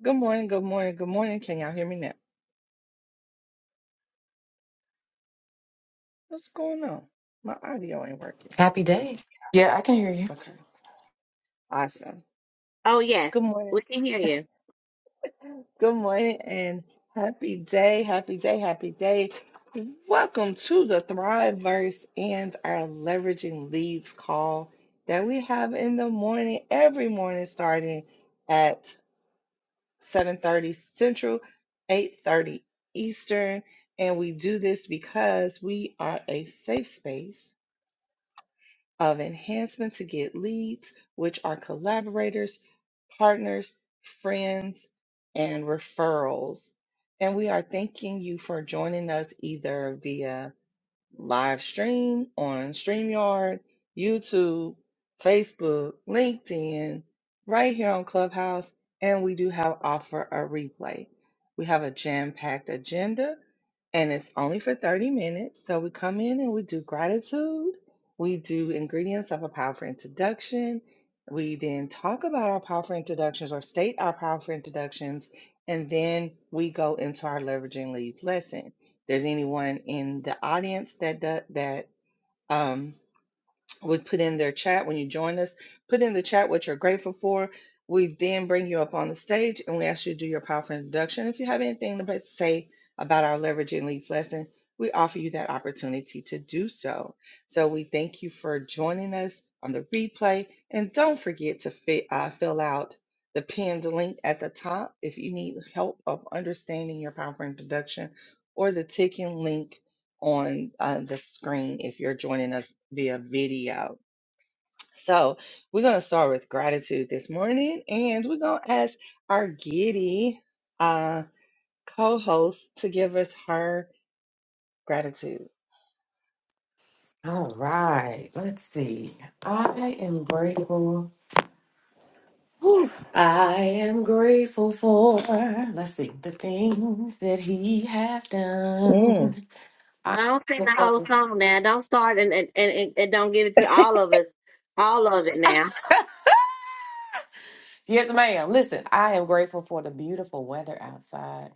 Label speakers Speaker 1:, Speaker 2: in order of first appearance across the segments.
Speaker 1: Good morning, good morning, good morning. Can y'all hear me now? What's going on? My audio ain't working.
Speaker 2: Happy day. Yeah, I can hear you.
Speaker 1: Okay, awesome.
Speaker 3: Oh yes,
Speaker 1: Good morning,
Speaker 3: we can hear you.
Speaker 1: good morning, and happy day, happy day, happy day. Welcome to the Thriveverse and our Leveraging Leads call that we have in the morning, every morning starting at 7.30 Central, 8.30 Eastern. And we do this because we are a safe space of enhancement to get leads, which are collaborators, partners, friends, and referrals. And we are thanking you for joining us either via live stream on StreamYard, YouTube, Facebook, LinkedIn, right here on Clubhouse, and we do have offer a replay. We have a jam-packed agenda and it's only for 30 minutes. So we come in and we do gratitude, we do ingredients of a powerful introduction. We then talk about our powerful introductions or state our powerful introductions, and then we go into our leveraging leads lesson there's anyone in the audience that that, that um, would put in their chat when you join us, put in the chat what you're grateful for. We then bring you up on the stage and we ask you to do your powerful introduction. If you have anything to say about our leveraging leads lesson, we offer you that opportunity to do so. So we thank you for joining us on the replay, and don't forget to fi- uh, fill out the pinned link at the top if you need help of understanding your powerful introduction or the ticking link on uh, the screen if you're joining us via video. So, we're going to start with gratitude this morning, and we're going to ask our giddy uh, co host to give us her gratitude.
Speaker 2: All right. Let's see. I am grateful. Whew. I am grateful for, let's see, the things that he has
Speaker 1: Mm,
Speaker 2: done. I'm
Speaker 3: Don't sing the
Speaker 2: grateful
Speaker 3: whole
Speaker 2: for
Speaker 3: song now. Don't start and and, and, and don't give it to all of us, all of it
Speaker 2: the-
Speaker 3: now.
Speaker 2: yes, ma'am. Listen, I am grateful for the beautiful weather outside.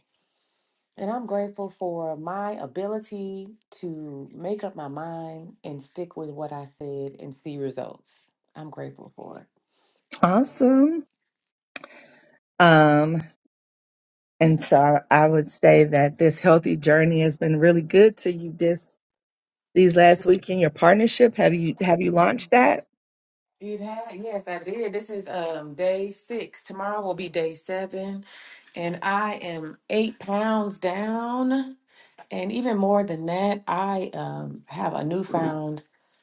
Speaker 2: And I'm grateful for my ability to make up my mind and stick with what I said and see results. I'm grateful for it.
Speaker 1: awesome. Um, and so I, I would say that this healthy journey has been really good to you, This. these last week in your partnership? Have you have you launched that?
Speaker 2: It had, yes, I did. This is um day six. Tomorrow will be day seven, and I am eight pounds down, and even more than that, I um have a newfound,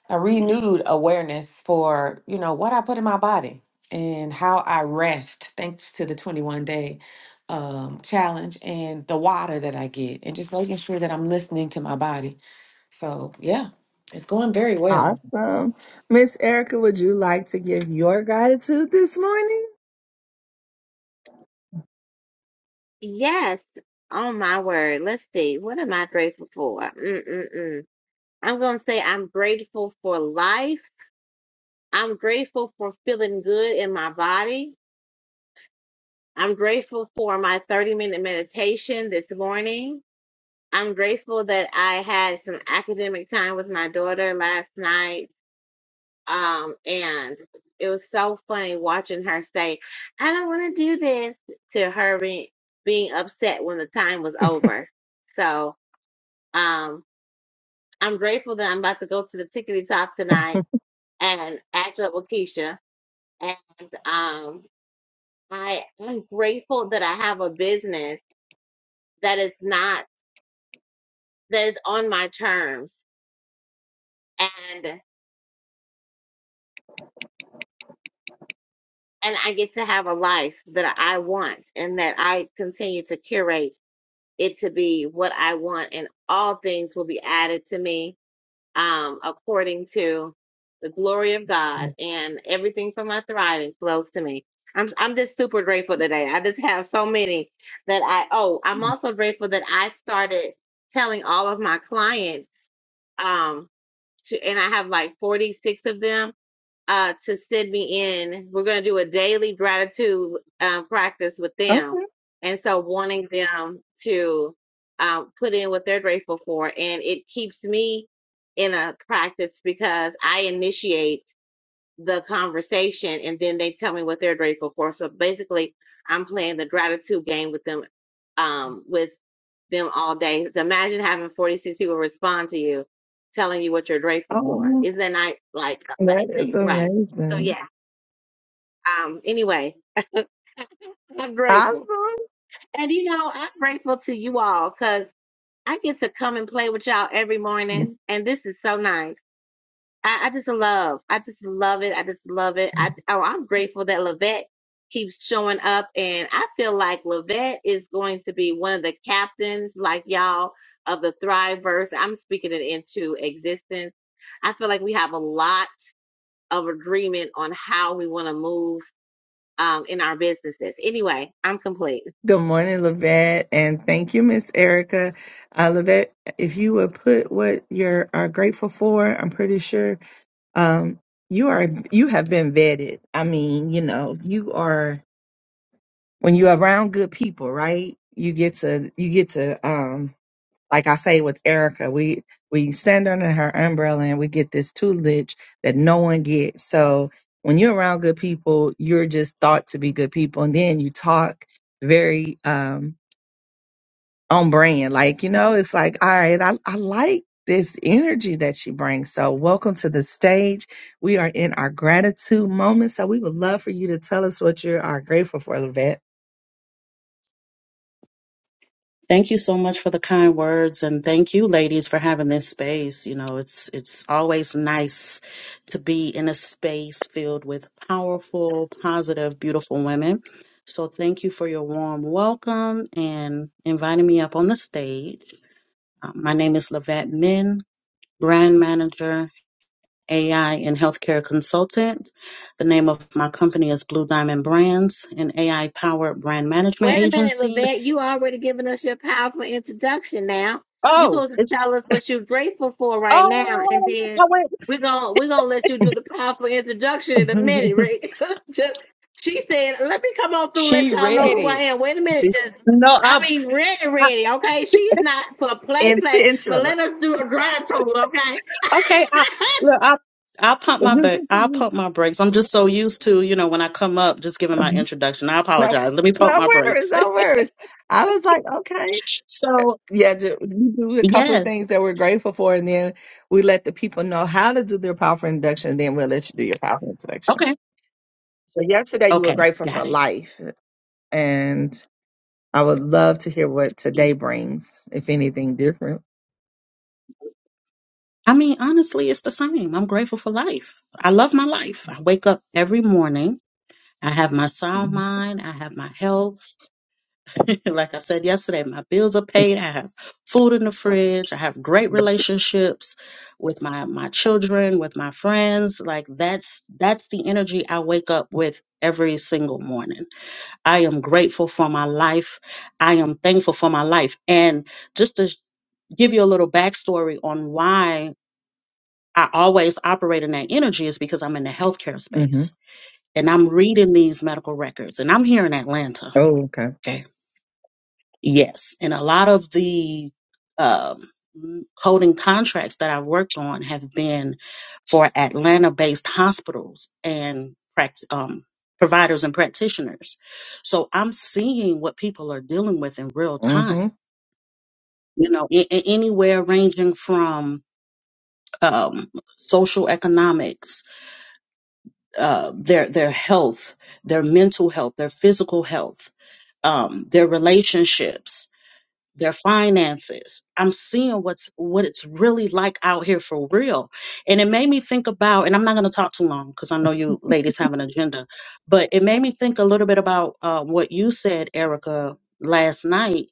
Speaker 2: a renewed awareness for you know what I put in my body and how I rest, thanks to the twenty one day um challenge and the water that I get, and just making sure that I'm listening to my body. So yeah, it's going very well.
Speaker 1: Awesome. Miss Erica, would you like to give your gratitude this morning?
Speaker 3: Yes. Oh my word. Let's see. What am I grateful for? Mm-mm-mm. I'm gonna say I'm grateful for life. I'm grateful for feeling good in my body. I'm grateful for my 30 minute meditation this morning. I'm grateful that I had some academic time with my daughter last night. Um, and it was so funny watching her say, I don't want to do this to her being, being upset when the time was over. So, um, I'm grateful that I'm about to go to the Tickety Talk tonight and act up with Keisha. And, um, I am grateful that I have a business that is not, that is on my terms and, and I get to have a life that I want and that I continue to curate it to be what I want, and all things will be added to me um, according to the glory of God, and everything for my thriving flows to me. I'm I'm just super grateful today. I just have so many that I oh, I'm also grateful that I started telling all of my clients um to, and I have like 46 of them uh, to send me in. We're going to do a daily gratitude uh, practice with them.
Speaker 1: Okay.
Speaker 3: And so, wanting them to uh, put in what they're grateful for. And it keeps me in a practice because I initiate the conversation and then they tell me what they're grateful for. So basically, I'm playing the gratitude game with them, um, with them all day. So imagine having 46 people respond to you, telling you what you're grateful for.
Speaker 1: Oh,
Speaker 3: Isn't that not, like
Speaker 1: that is
Speaker 3: amazing? Right. So
Speaker 1: amazing.
Speaker 3: yeah. Um. Anyway, I'm grateful,
Speaker 1: Awesome.
Speaker 3: and you know, I'm grateful to you all because I get to come and play with y'all every morning, and this is so nice. I, I just love, I just love it. I just love it. I, oh, I'm grateful that Levette keeps showing up, and I feel like Levette is going to be one of the captains, like y'all, of the Thriveverse. I'm speaking it into existence. I feel like we have a lot of agreement on how we want to move um, in our businesses. Anyway, I'm complete.
Speaker 1: Good morning, Lavette, and thank you, Miss Erica. Uh, Lavette, if you would put what you are grateful for, I'm pretty sure um, you are you have been vetted. I mean, you know, you are when you're around good people, right? You get to you get to um like I say with Erica, we we stand under her umbrella and we get this tutelage that no one gets. So when you're around good people, you're just thought to be good people, and then you talk very um on brand. Like, you know, it's like, all right, I, I like this energy that she brings. So, welcome to the stage. We are in our gratitude moment. So, we would love for you to tell us what you are grateful for, Levette.
Speaker 4: Thank you so much for the kind words and thank you ladies for having this space. You know, it's it's always nice to be in a space filled with powerful, positive, beautiful women. So thank you for your warm welcome and inviting me up on the stage. Uh, my name is Lavette Min, brand manager, AI and healthcare consultant. The name of my company is Blue Diamond Brands, an AI powered brand management
Speaker 3: Wait a minute,
Speaker 4: agency.
Speaker 3: Levette. You already given us your powerful introduction. Now you
Speaker 4: Oh,
Speaker 3: supposed to tell us what you're grateful for right now, and
Speaker 4: Oh,
Speaker 3: then
Speaker 4: I went-
Speaker 3: we're gonna we're gonna let you do the powerful introduction in a minute, Rick. Just- she said, "Let me come on through, let
Speaker 2: She
Speaker 3: y'all know who I
Speaker 2: ready.
Speaker 3: am." Wait a minute,
Speaker 1: She's
Speaker 3: just
Speaker 4: no,
Speaker 3: I
Speaker 4: I,
Speaker 3: mean, ready,
Speaker 4: I
Speaker 3: ready. Okay, she's not for play, play,
Speaker 1: intentional.
Speaker 3: but let us do a gratitude. Okay.
Speaker 4: okay. I look, I I'll pump my back. I'll pump
Speaker 1: no,
Speaker 4: my brakes. I'm just so used to, you know, when I come up, just giving my introduction. I
Speaker 1: no
Speaker 4: apologize. Let me pump my
Speaker 1: worries,
Speaker 4: brakes.
Speaker 1: no worries. I was like, okay.
Speaker 4: so
Speaker 1: Yeah, ju- we do a couple of
Speaker 4: yeah,
Speaker 1: things that we're grateful for, and then we let the people know how to do their powerful induction, and then we'll let you do your powerful induction.
Speaker 4: okay,
Speaker 1: So, yesterday you were
Speaker 4: okay,
Speaker 1: grateful for
Speaker 4: got it.
Speaker 1: life. and I would love to hear what today brings, if anything different.
Speaker 4: I mean, honestly, it's the same. I'm grateful for life. I love my life. I wake up every morning. I have my sound mind. I have my health. like I said yesterday, my bills are paid. I have food in the fridge. I have great relationships with my my children, with my friends. Like that's that's the energy I wake up with every single morning. I am grateful for my life. I am thankful for my life. And just to give you a little backstory on why I always operate in that energy is because I'm in the healthcare
Speaker 1: Mm-hmm.
Speaker 4: space and I'm reading these medical records and I'm here in Atlanta.
Speaker 1: Oh, okay.
Speaker 4: okay? Yes, and a lot of the um, coding contracts that I've worked on have been for Atlanta-based hospitals and pract- um, providers and practitioners. So I'm seeing what people are dealing with in real time.
Speaker 1: Mm-hmm.
Speaker 4: You know, a- a- anywhere ranging from um, social economics, uh, their their health, their mental health, their physical health, um, their relationships their finances. I'm seeing what's what it's really like out here for real. And it made me think about, and I'm not going to talk too long because I know you ladies have an agenda, but it made me think a little bit about uh, what you said, Erica, last night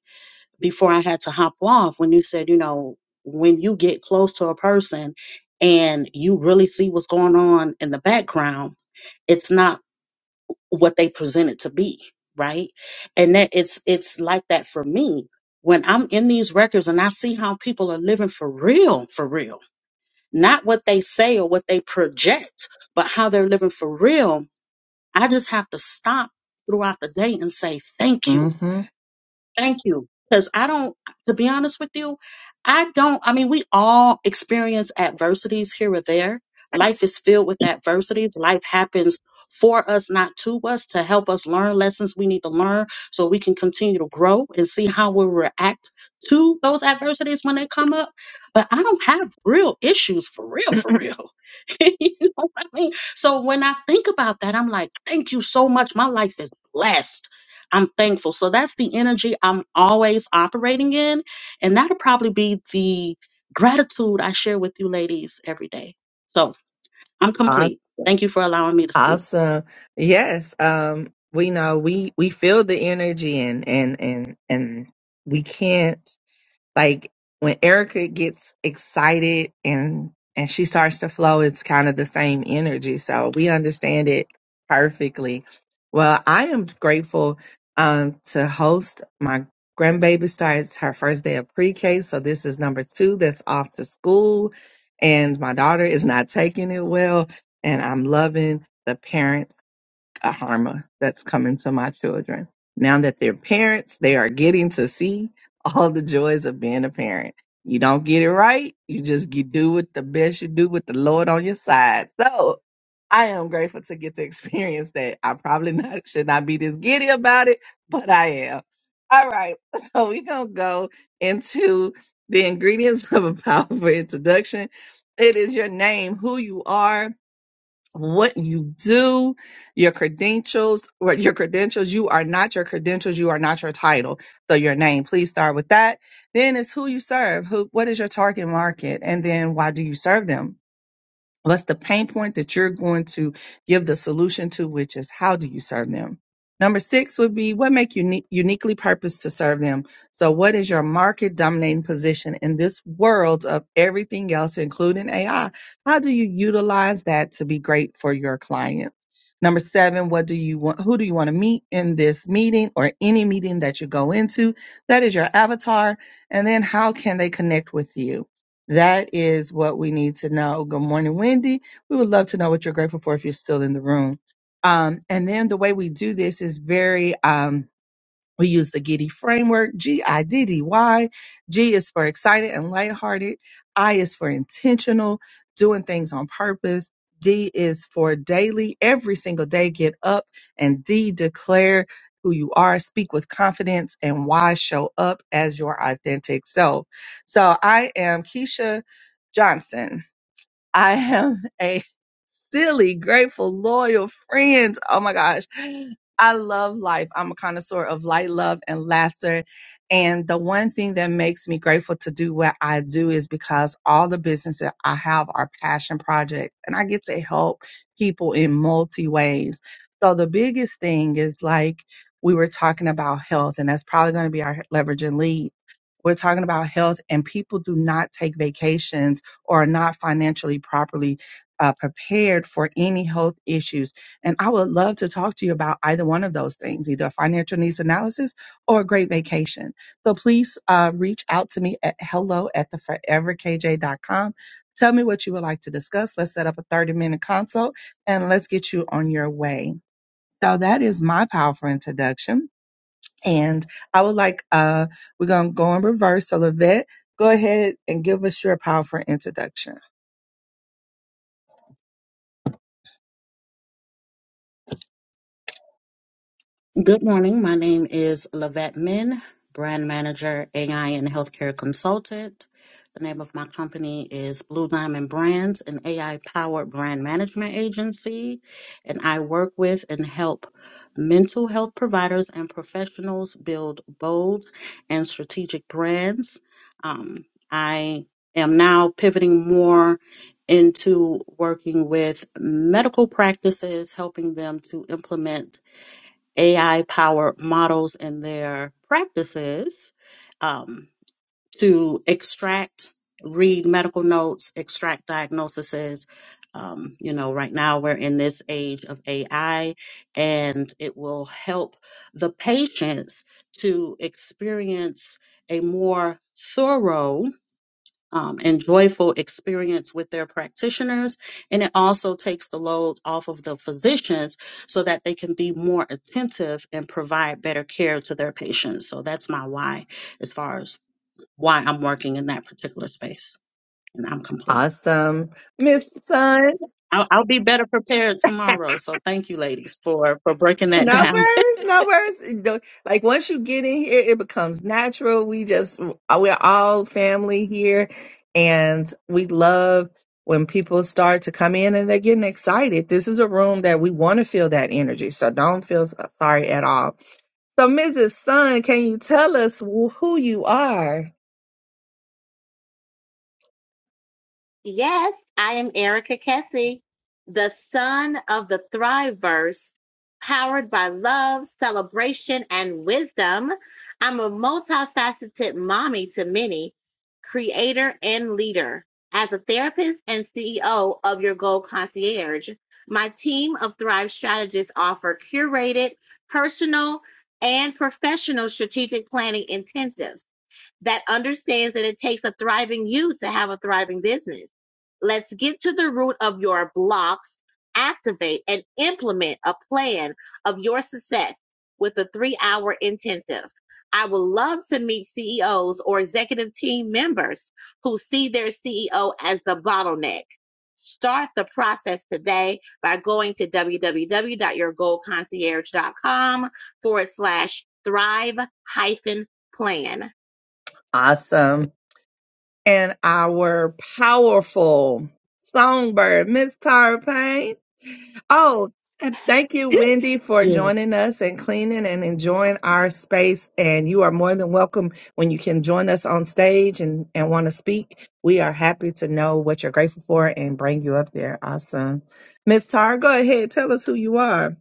Speaker 4: before I had to hop off when you said, you know, when you get close to a person and you really see what's going on in the background, it's not what they present it to be right and that it's it's like that for me when i'm in these records and i see how people are living for real for real not what they say or what they project but how they're living for real i just have to stop throughout the day and say thank you
Speaker 1: Mm-hmm.
Speaker 4: Thank you. Because I don't, to be honest with you, I don't, I mean, we all experience adversities here or there. Life is filled with adversities. Life happens for us, not to us, to help us learn lessons we need to learn so we can continue to grow and see how we react to those adversities when they come up. But I don't have real issues for real, for real. you know what I mean? So when I think about that, I'm like, thank you so much. My life is blessed I'm thankful. So that's the energy I'm always operating in. And that'll probably be the gratitude I share with you ladies every day. So I'm
Speaker 1: Awesome.
Speaker 4: complete. Thank you for allowing me to speak.
Speaker 1: Awesome. Yes. Um, we know we we feel the energy and and and and we can't. Like when Erica gets excited and and she starts to flow, it's kind of the same energy. So we understand it perfectly. Well, I am grateful um to host my grandbaby starts her first day of pre-K. So this is number two that's off to school. And my daughter is not taking it well. And I'm loving the parent a harm that's coming to my children. Now that they're parents, they are getting to see all the joys of being a parent. You don't get it right, you just get, do what the best you do with the Lord on your side. So I am grateful to get to experience that. I probably not should not be this giddy about it, but I am. All right, so we're gonna go into the ingredients of a powerful introduction. It is your name, who you are, what you do, your credentials, or your credentials, you are not your credentials, you are not your title. So your name, please start with that. Then it's who you serve, who what is your target market, and then why do you serve them? What's the pain point that you're going to give the solution to, which is how do you serve them? Number six would be what make you uni- uniquely purposed to serve them. So what is your market dominating position in this world of everything else, including AI? How do you utilize that to be great for your clients? Number seven, what do you want? Who do you want to meet in this meeting or any meeting that you go into? That is your avatar. And then how can they connect with you? That is what we need to know. Good morning, Wendy. We would love to know what you're grateful for if you're still in the room. Um, and then the way we do this is very um, we use the Giddy framework, G I D D Y. G is for excited and lighthearted. I is for intentional, doing things on purpose. D is for daily, every single day, get up. And D, declare who you are, speak with confidence, and Y, show up as your authentic self. So I am Keisha Johnson I am a silly, grateful, loyal friend. Oh my gosh. I love life. I'm a connoisseur of light, love, and laughter. And the one thing that makes me grateful to do what I do is because all the businesses I have are passion projects and I get to help people in multi ways. So the biggest thing is like we were talking about health, and that's probably going to be our leverage and lead. We're talking about health, and people do not take vacations or are not financially properly uh, prepared for any health issues. And I would love to talk to you about either one of those things, either a financial needs analysis or a great vacation. So please uh, reach out to me at hello at the forever k j dot com. Tell me what you would like to discuss. Let's set up a 30 minute consult and let's get you on your way. So that is my powerful introduction. And I would like, uh, we're going to go in reverse. So, Lavette, go ahead and give us your powerful introduction.
Speaker 4: Good morning. My name is Lavette Min, brand manager, AI and healthcare consultant. The name of my company is Blue Diamond Brands, an AI powered brand management agency. And I work with and help mental health providers and professionals build bold and strategic brands. Um, I am now pivoting more into working with medical practices, helping them to implement AI powered models in their practices um, to extract, read medical notes, extract diagnoses. Um, you know, right now we're in this age of AI, and it will help the patients to experience a more thorough um, and joyful experience with their practitioners. And it also takes the load off of the physicians so that they can be more attentive and provide better care to their patients. So that's my why as far as why I'm working in that particular space. And I'm complete.
Speaker 1: Awesome. Miss Sun,
Speaker 4: I'll, I'll be better prepared tomorrow. So thank you, ladies, for, for breaking that
Speaker 1: No
Speaker 4: down.
Speaker 1: worries, no worries. No- Like once you get in here, it becomes natural. We just uh, we're all family here, and we love when people start to come in and they're getting excited. This is a room that we want to feel that energy, so don't feel sorry at all. So, Mrs. Sun, can you tell us wh- who you are?
Speaker 3: Yes, I am Erica Kessie, the son of the Thriveverse, powered by love, celebration, and wisdom. I'm a multifaceted mommy to many, creator and leader. As a therapist and CEO of Your Goal Concierge, my team of Thrive strategists offer curated, personal, and professional strategic planning intensives that understands that it takes a thriving you to have a thriving business. Let's get to the root of your blocks, activate and implement a plan of your success with a three hour intensive. I would love to meet CEOs or executive team members who see their CEO as the bottleneck. Start the process today by going to www.yourgoalconcierge.com forward slash thrive hyphen plan.
Speaker 1: Awesome, and our powerful songbird, Miss Tara Payne. Oh, and thank you, Wendy, for
Speaker 2: Yes.
Speaker 1: joining us and cleaning and enjoying our space. And you are more than welcome when you can join us on stage and, and want to speak. We are happy to know what you're grateful for and bring you up there. Awesome. Miss Tara, go ahead. Tell us who you are.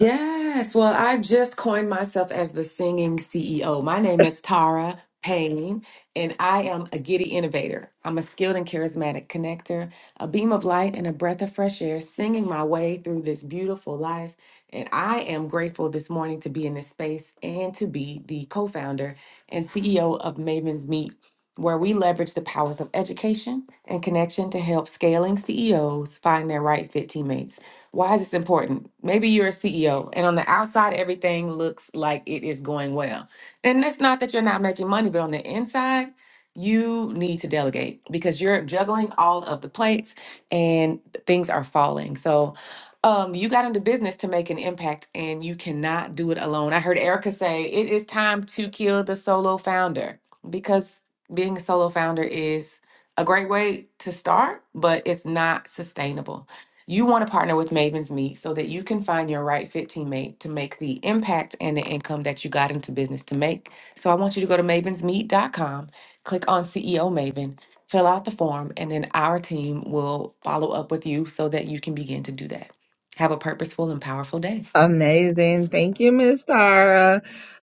Speaker 2: Yes. Well, I just coined myself as the singing CEO. My name is Tara Payne, and I am a giddy innovator. I'm a skilled and charismatic connector, a beam of light, and a breath of fresh air, singing my way through this beautiful life. And I am grateful this morning to be in this space and to be the co founder and CEO of Maven's Meet, where we leverage the powers of education and connection to help scaling CEOs find their right fit teammates. Why is this important? Maybe you're a CEO and on the outside, everything looks like it is going well. And it's not that you're not making money, but on the inside, you need to delegate because you're juggling all of the plates and things are falling. So, um, you got into business to make an impact and you cannot do it alone. I heard Erica say it is time to kill the solo founder because being a solo founder is a great way to start, but it's not sustainable. You want to partner with Maven's Meet so that you can find your right fit teammate to make the impact and the income that you got into business to make. So I want you to go to Maven's Meet dot com, click on CEO Maven, fill out the form, and then our team will follow up with you so that you can begin to do that. Have a purposeful and powerful day.
Speaker 1: Amazing. Thank you, Miss Tara.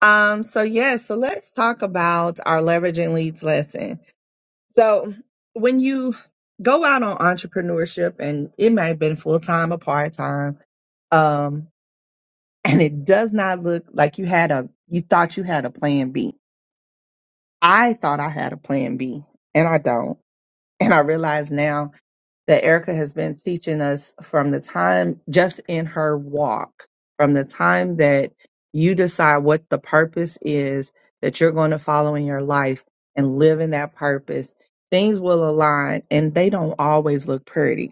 Speaker 1: Um, so yes, so let's talk about our leveraging leads lesson. So when you go out on entrepreneurship and it may have been full time or part time, um, and it does not look like you had a you thought you had a plan B. I thought I had a plan B and I don't. And I realize now that Erica has been teaching us from the time just in her walk, from the time that you decide what the purpose is that you're going to follow in your life and live in that purpose, things will align and they don't always look pretty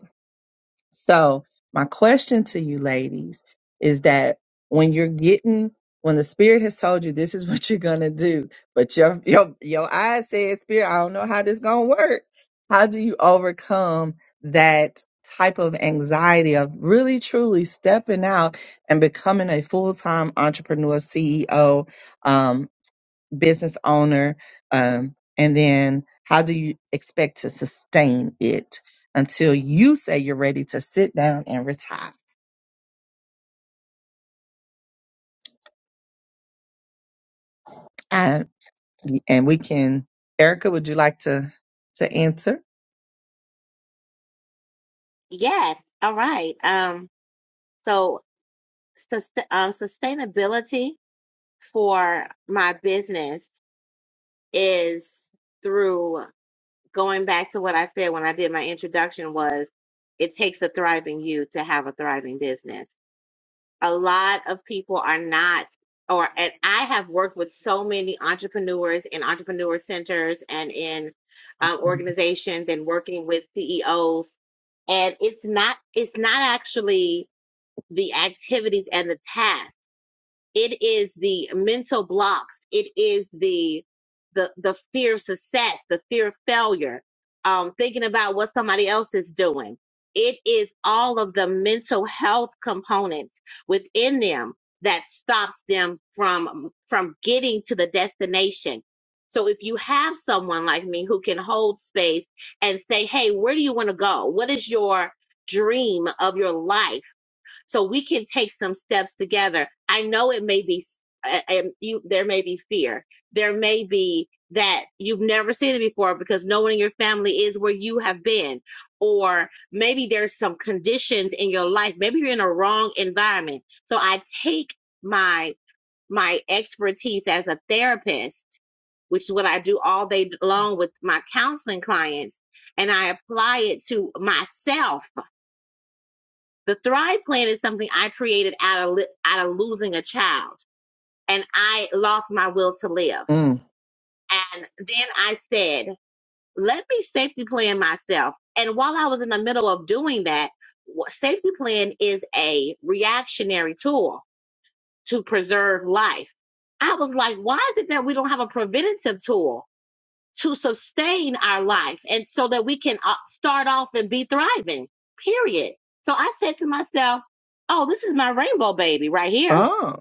Speaker 1: so, my question to you ladies is that when you're getting when the spirit has told you this is what you're going to do, but your your your eye says spirit, I don't know how this going to work. How do you overcome that type of anxiety of really truly stepping out and becoming a full-time entrepreneur CEO um, business owner um, and then how do you expect to sustain it until you say you're ready to sit down and retire and, and we can erica would you like to to answer
Speaker 3: Yes. All right. Um, so sus- um, sustainability for my business is through going back to what I said when I did my introduction was it takes a thriving you to have a thriving business. A lot of people are not or and I have worked with so many entrepreneurs in entrepreneur centers and in um, organizations and working with CEOs and it's not it's not actually the activities and the tasks. it is the mental blocks it is the the the fear of success the fear of failure um thinking about what somebody else is doing it is all of the mental health components within them that stops them from from getting to the destination so if you have someone like me who can hold space and say hey where do you want to go what is your dream of your life so we can take some steps together i know it may be and you there may be fear there may be that you've never seen it before because no one in your family is where you have been or maybe there's some conditions in your life maybe you're in a wrong environment so i take my my expertise as a therapist which is what i do all day long with my counseling clients and i apply it to myself the Thrive Plan is something I created out of li- out of losing a child, and I lost my will to live.
Speaker 1: Mm.
Speaker 3: And then I said, "Let me safety plan myself." And while I was in the middle of doing that, wh- safety plan is a reactionary tool to preserve life. I was like, "Why is it that we don't have a preventative tool?" to sustain our life and so that we can uh, start off and be thriving, period. So I said to myself, oh, this is my rainbow baby right here.
Speaker 1: oh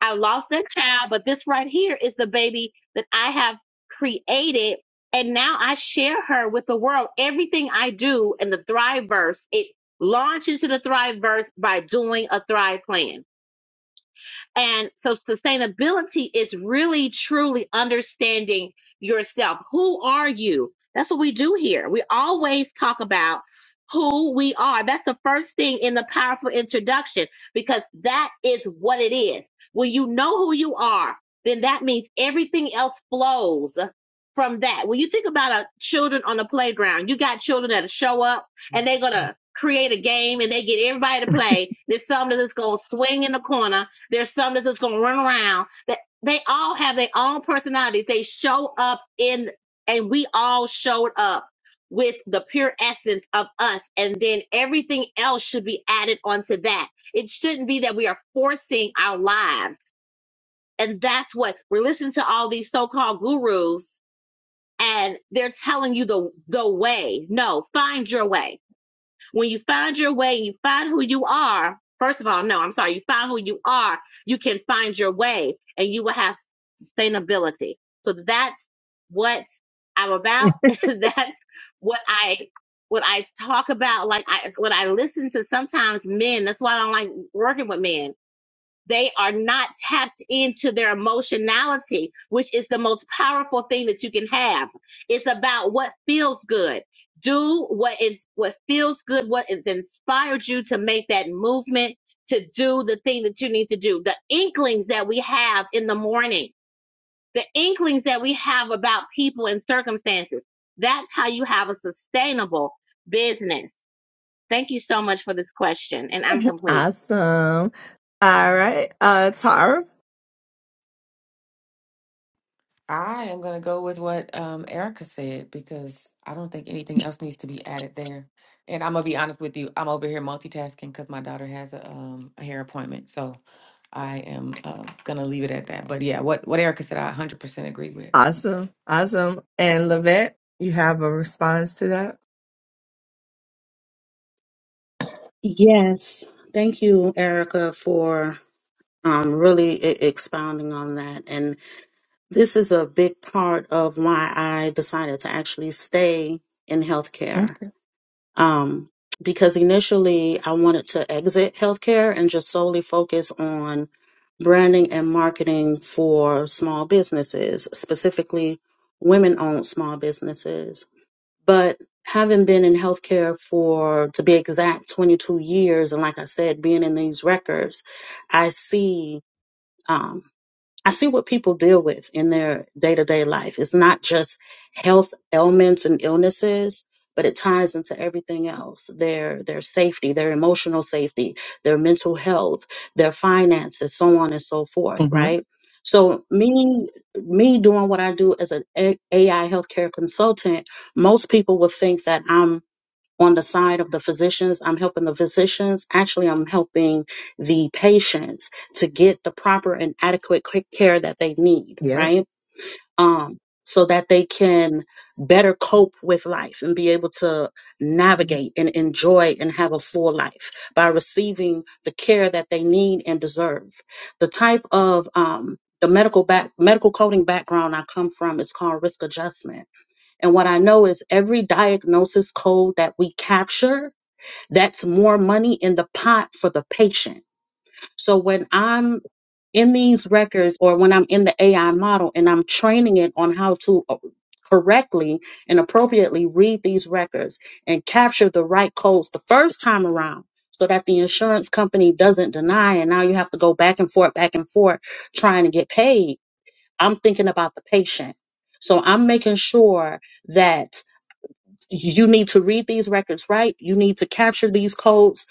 Speaker 3: I lost that child, but this right here is the baby that I have created. And now I share her with the world. Everything I do in the Thriveverse, it launches into the Thriveverse by doing a Thrive plan. And so sustainability is really truly understanding yourself. Who are you? That's what we do here. We always talk about who we are. That's the first thing in the powerful introduction because that is what it is. When you know who you are, then that means everything else flows from that. When you think about a, children on the playground, you got children that'll show up and they're going to create a game and they get everybody to play. There's some that is going to swing in the corner there's some that's just gonna run around. That they all have their own personalities. They show up in, and we all showed up with the pure essence of us, and then everything else should be added onto that. It shouldn't be that we are forcing our lives, and that's what we're listening to all these so-called gurus, and they're telling you the the way. No, find your way when you find your way, you find who you are. First of all, no, I'm sorry. You find who you are, you can find your way and you will have sustainability. So that's what I'm about. that's what I what I talk about. Like I what I listen to sometimes men. That's why I don't like working with men they are not tapped into their emotionality, which is the most powerful thing that you can have. It's about what feels good. Do what is what feels good, what has inspired you to make that movement, to do the thing that you need to do. The inklings that we have in the morning, the inklings that we have about people and circumstances. That's how you have a sustainable business. Thank you so much for this question. And I'm complete.
Speaker 1: awesome all right uh tara
Speaker 2: I am going to go with what um, Erica said because I don't think anything else needs to be added there. And I'm gonna be honest with you, I'm over here multitasking because my daughter has a um, a hair appointment, so I am uh, gonna leave it at that. But yeah, what what Erica said, I 100% agree with.
Speaker 1: awesome awesome and lavette you have a response to that
Speaker 4: yes. Thank you, Erica, for um, really e- expounding on that. This is a big part of why I decided to actually stay in healthcare.
Speaker 1: okay
Speaker 4: Um, because initially I wanted to exit healthcare and just solely focus on branding and marketing for small businesses, specifically women owned small businesses. But having been in healthcare for, to be exact, 22 years, and like I said, being in these records, I see. Um, I see what people deal with in their day to day life. It's not just health ailments and illnesses, but it ties into everything else their, their safety, their emotional safety, their mental health, their finances, so on and so forth,
Speaker 1: mm-hmm.
Speaker 4: right? So me me doing what I do as an A- AI healthcare consultant, most people would think that I'm on the side of the physicians. I'm helping the physicians. Actually, I'm helping the patients to get the proper and adequate c- care that they need,
Speaker 1: yeah
Speaker 4: right? Um, so that they can better cope with life and be able to navigate and enjoy and have a full life by receiving the care that they need and deserve. The type of um, the medical back medical coding background I come from is called risk adjustment and what I know is every diagnosis code that we capture, that's more money in the pot for the patient. So when I'm in these records or when I'm in the AI model and I'm training it on how to uh, correctly and appropriately read these records and capture the right codes the first time around so that the insurance company doesn't deny and now you have to go back and forth back and forth trying to get paid. I'm thinking about the patient. So I'm making sure that you need to read these records right. You need to capture these codes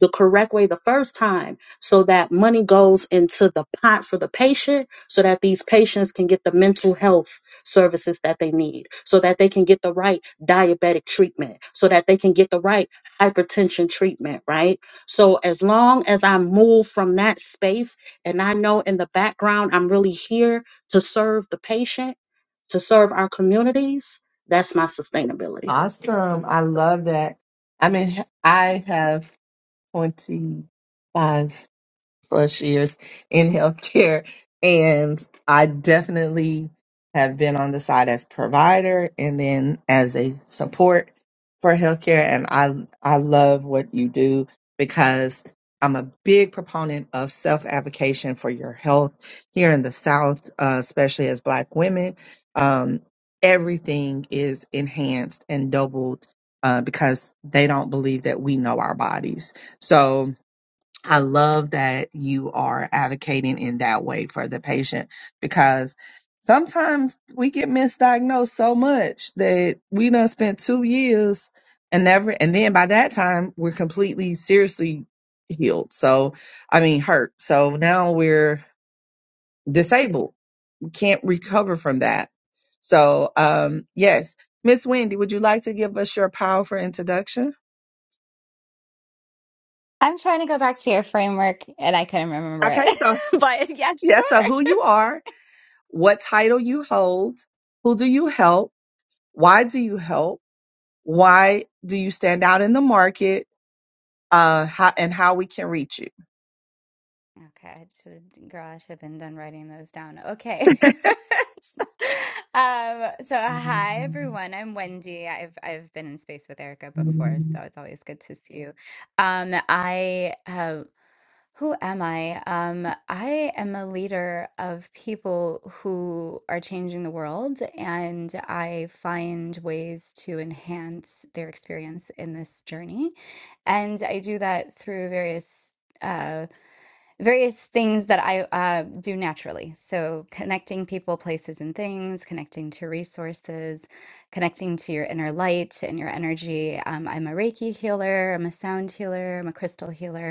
Speaker 4: the correct way the first time so that money goes into the pot for the patient so that these patients can get the mental health services that they need, so that they can get the right diabetic treatment, so that they can get the right hypertension treatment, right? So as long as I move from that space and I know in the background I'm really here to serve the patient, to serve our communities, that's my sustainability.
Speaker 1: awesome i love that i mean i have 25 plus years in healthcare, and I definitely have been on the side as provider and then as a support for healthcare. And I I love what you do because I'm a big proponent of self advocation for your health here in the South, uh, especially as Black women. Um, everything is enhanced and doubled uh, because they don't believe that we know our bodies. So I love that you are advocating in that way for the patient because sometimes we get misdiagnosed so much that we done spent two years and never, and then by that time we're completely seriously healed. So, I mean, hurt. So now we're disabled. We can't recover from that. So, um, yes, Miss Wendy, would you like to give us your powerful introduction?
Speaker 5: I'm trying to go back to your framework and I couldn't remember it.
Speaker 1: Okay, so
Speaker 5: But yeah,
Speaker 1: yeah, so
Speaker 5: sure.
Speaker 1: who you are what title you hold, who do you help, why do you help, why do you stand out in the market, uh, how, and how we can reach you.
Speaker 5: Okay, I should, girl, I should have been done writing those down. Okay. Um, so hi everyone. I'm Wendy. I've I've been in space with Erica before, so it's always good to see you. Um, I Who am I? Um, I am a leader of people who are changing the world, and I find ways to enhance their experience in this journey. And I do that through various uh, various things that I uh, do naturally. So connecting people, places, and things, connecting to resources, connecting to your inner light and your energy. Um, I'm a Reiki healer. I'm a sound healer. I'm a crystal healer.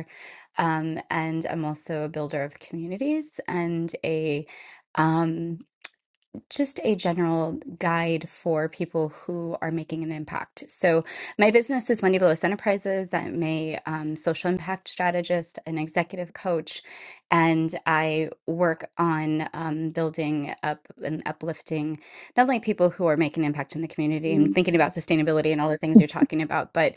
Speaker 5: Um, and I'm also a builder of communities and a um, just a general guide for people who are making an impact. So, my business is Wendy Velos Enterprises. I'm a um, social impact strategist, an executive coach, and I work on um, building up and uplifting not only people who are making an impact in the community and thinking about sustainability and all the things you're talking about, but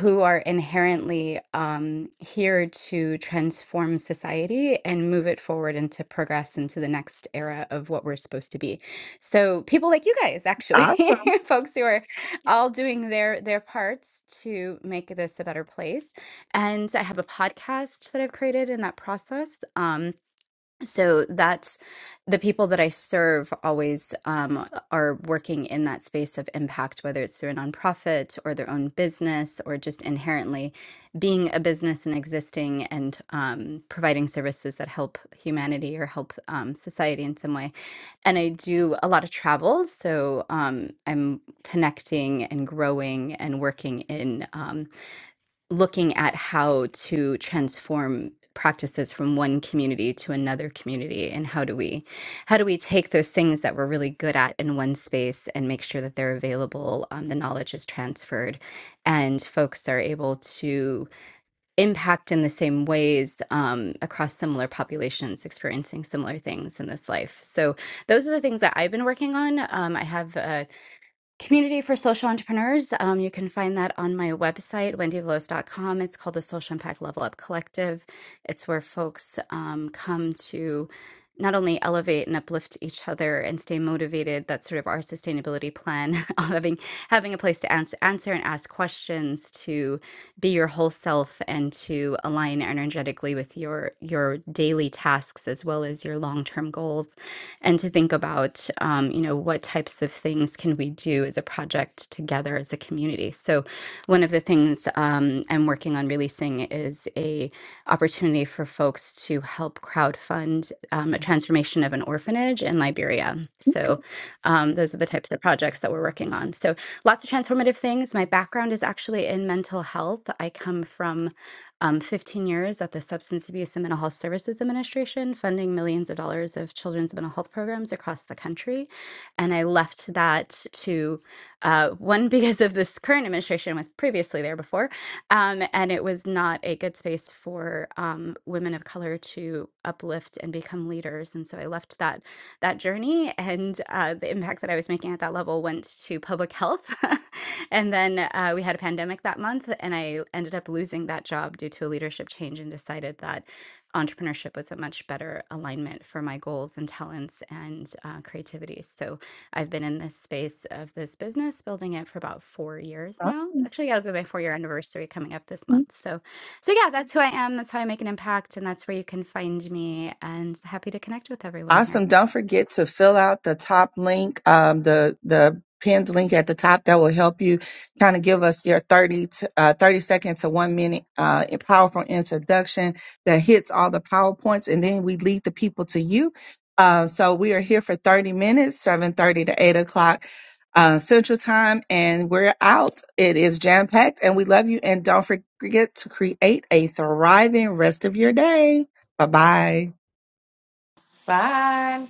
Speaker 5: who are inherently um, here to transform society and move it forward and to progress into the next era of what we're supposed to be. So people like you guys, actually,
Speaker 1: Awesome.
Speaker 5: folks who are all doing their their parts to make this a better place. And I have a podcast that I've created in that process. Um, so that's the people that I serve always um, are working in that space of impact, whether it's through a nonprofit or their own business or just inherently being a business and existing and um, providing services that help humanity or help um, society in some way and I do a lot of travel. So um, I'm connecting and growing and working in um, looking at how to transform practices from one community to another community and how do we how do we take those things that we're really good at in one space and make sure that they're available um, the knowledge is transferred and folks are able to impact in the same ways um, across similar populations experiencing similar things in this life. So those are the things that I've been working on. Um, I have. a Community for Social Entrepreneurs. Um, you can find that on my website, wendy veloz dot com. It's called the Social Impact Level Up Collective. It's where folks um, come to not only elevate and uplift each other and stay motivated. That's sort of our sustainability plan, of having having a place to ans- answer and ask questions, to be your whole self, and to align energetically with your your daily tasks as well as your long term goals and to think about um, you know what types of things can we do as a project together as a community so one of the things um, i'm working on releasing is a opportunity for folks to help crowdfund um, a transformation of an orphanage in liberia so um, those are the types of projects that we're working on so lots of transformative things my background is actually in mental health i come from um, 15 years at the Substance Abuse and Mental Health Services Administration, funding millions of dollars of children's mental health programs across the country. And I left that to uh, one because of this current administration was previously there before, um, and it was not a good space for um, women of color to uplift and become leaders. And so I left that that journey, and uh, the impact that I was making at that level went to public health and then uh, we had a pandemic that month, and I ended up losing that job due to a leadership change and decided that entrepreneurship was a much better alignment for my goals and talents and uh, creativity. So I've been in this space of this business, building it for about four years now.
Speaker 1: awesome.
Speaker 5: Actually, that'll be my four year anniversary coming up this month. So, so yeah, that's who I am. That's how I make an impact, and that's where you can find me. And happy to connect with everyone here.
Speaker 1: Awesome. Don't forget to fill out the top link, um, the, the pinned link at the top that will help you kind of give us your 30 to, uh, 30 second to one minute, uh, powerful introduction that hits all the PowerPoints and then we lead the people to you. Uh, so we are here for 30 minutes, 7.30 to 8 o'clock. Uh, Central Time, and we're out. It is jam packed, and we love you. And don't forget to create a thriving rest of your day. Bye bye.
Speaker 2: Bye.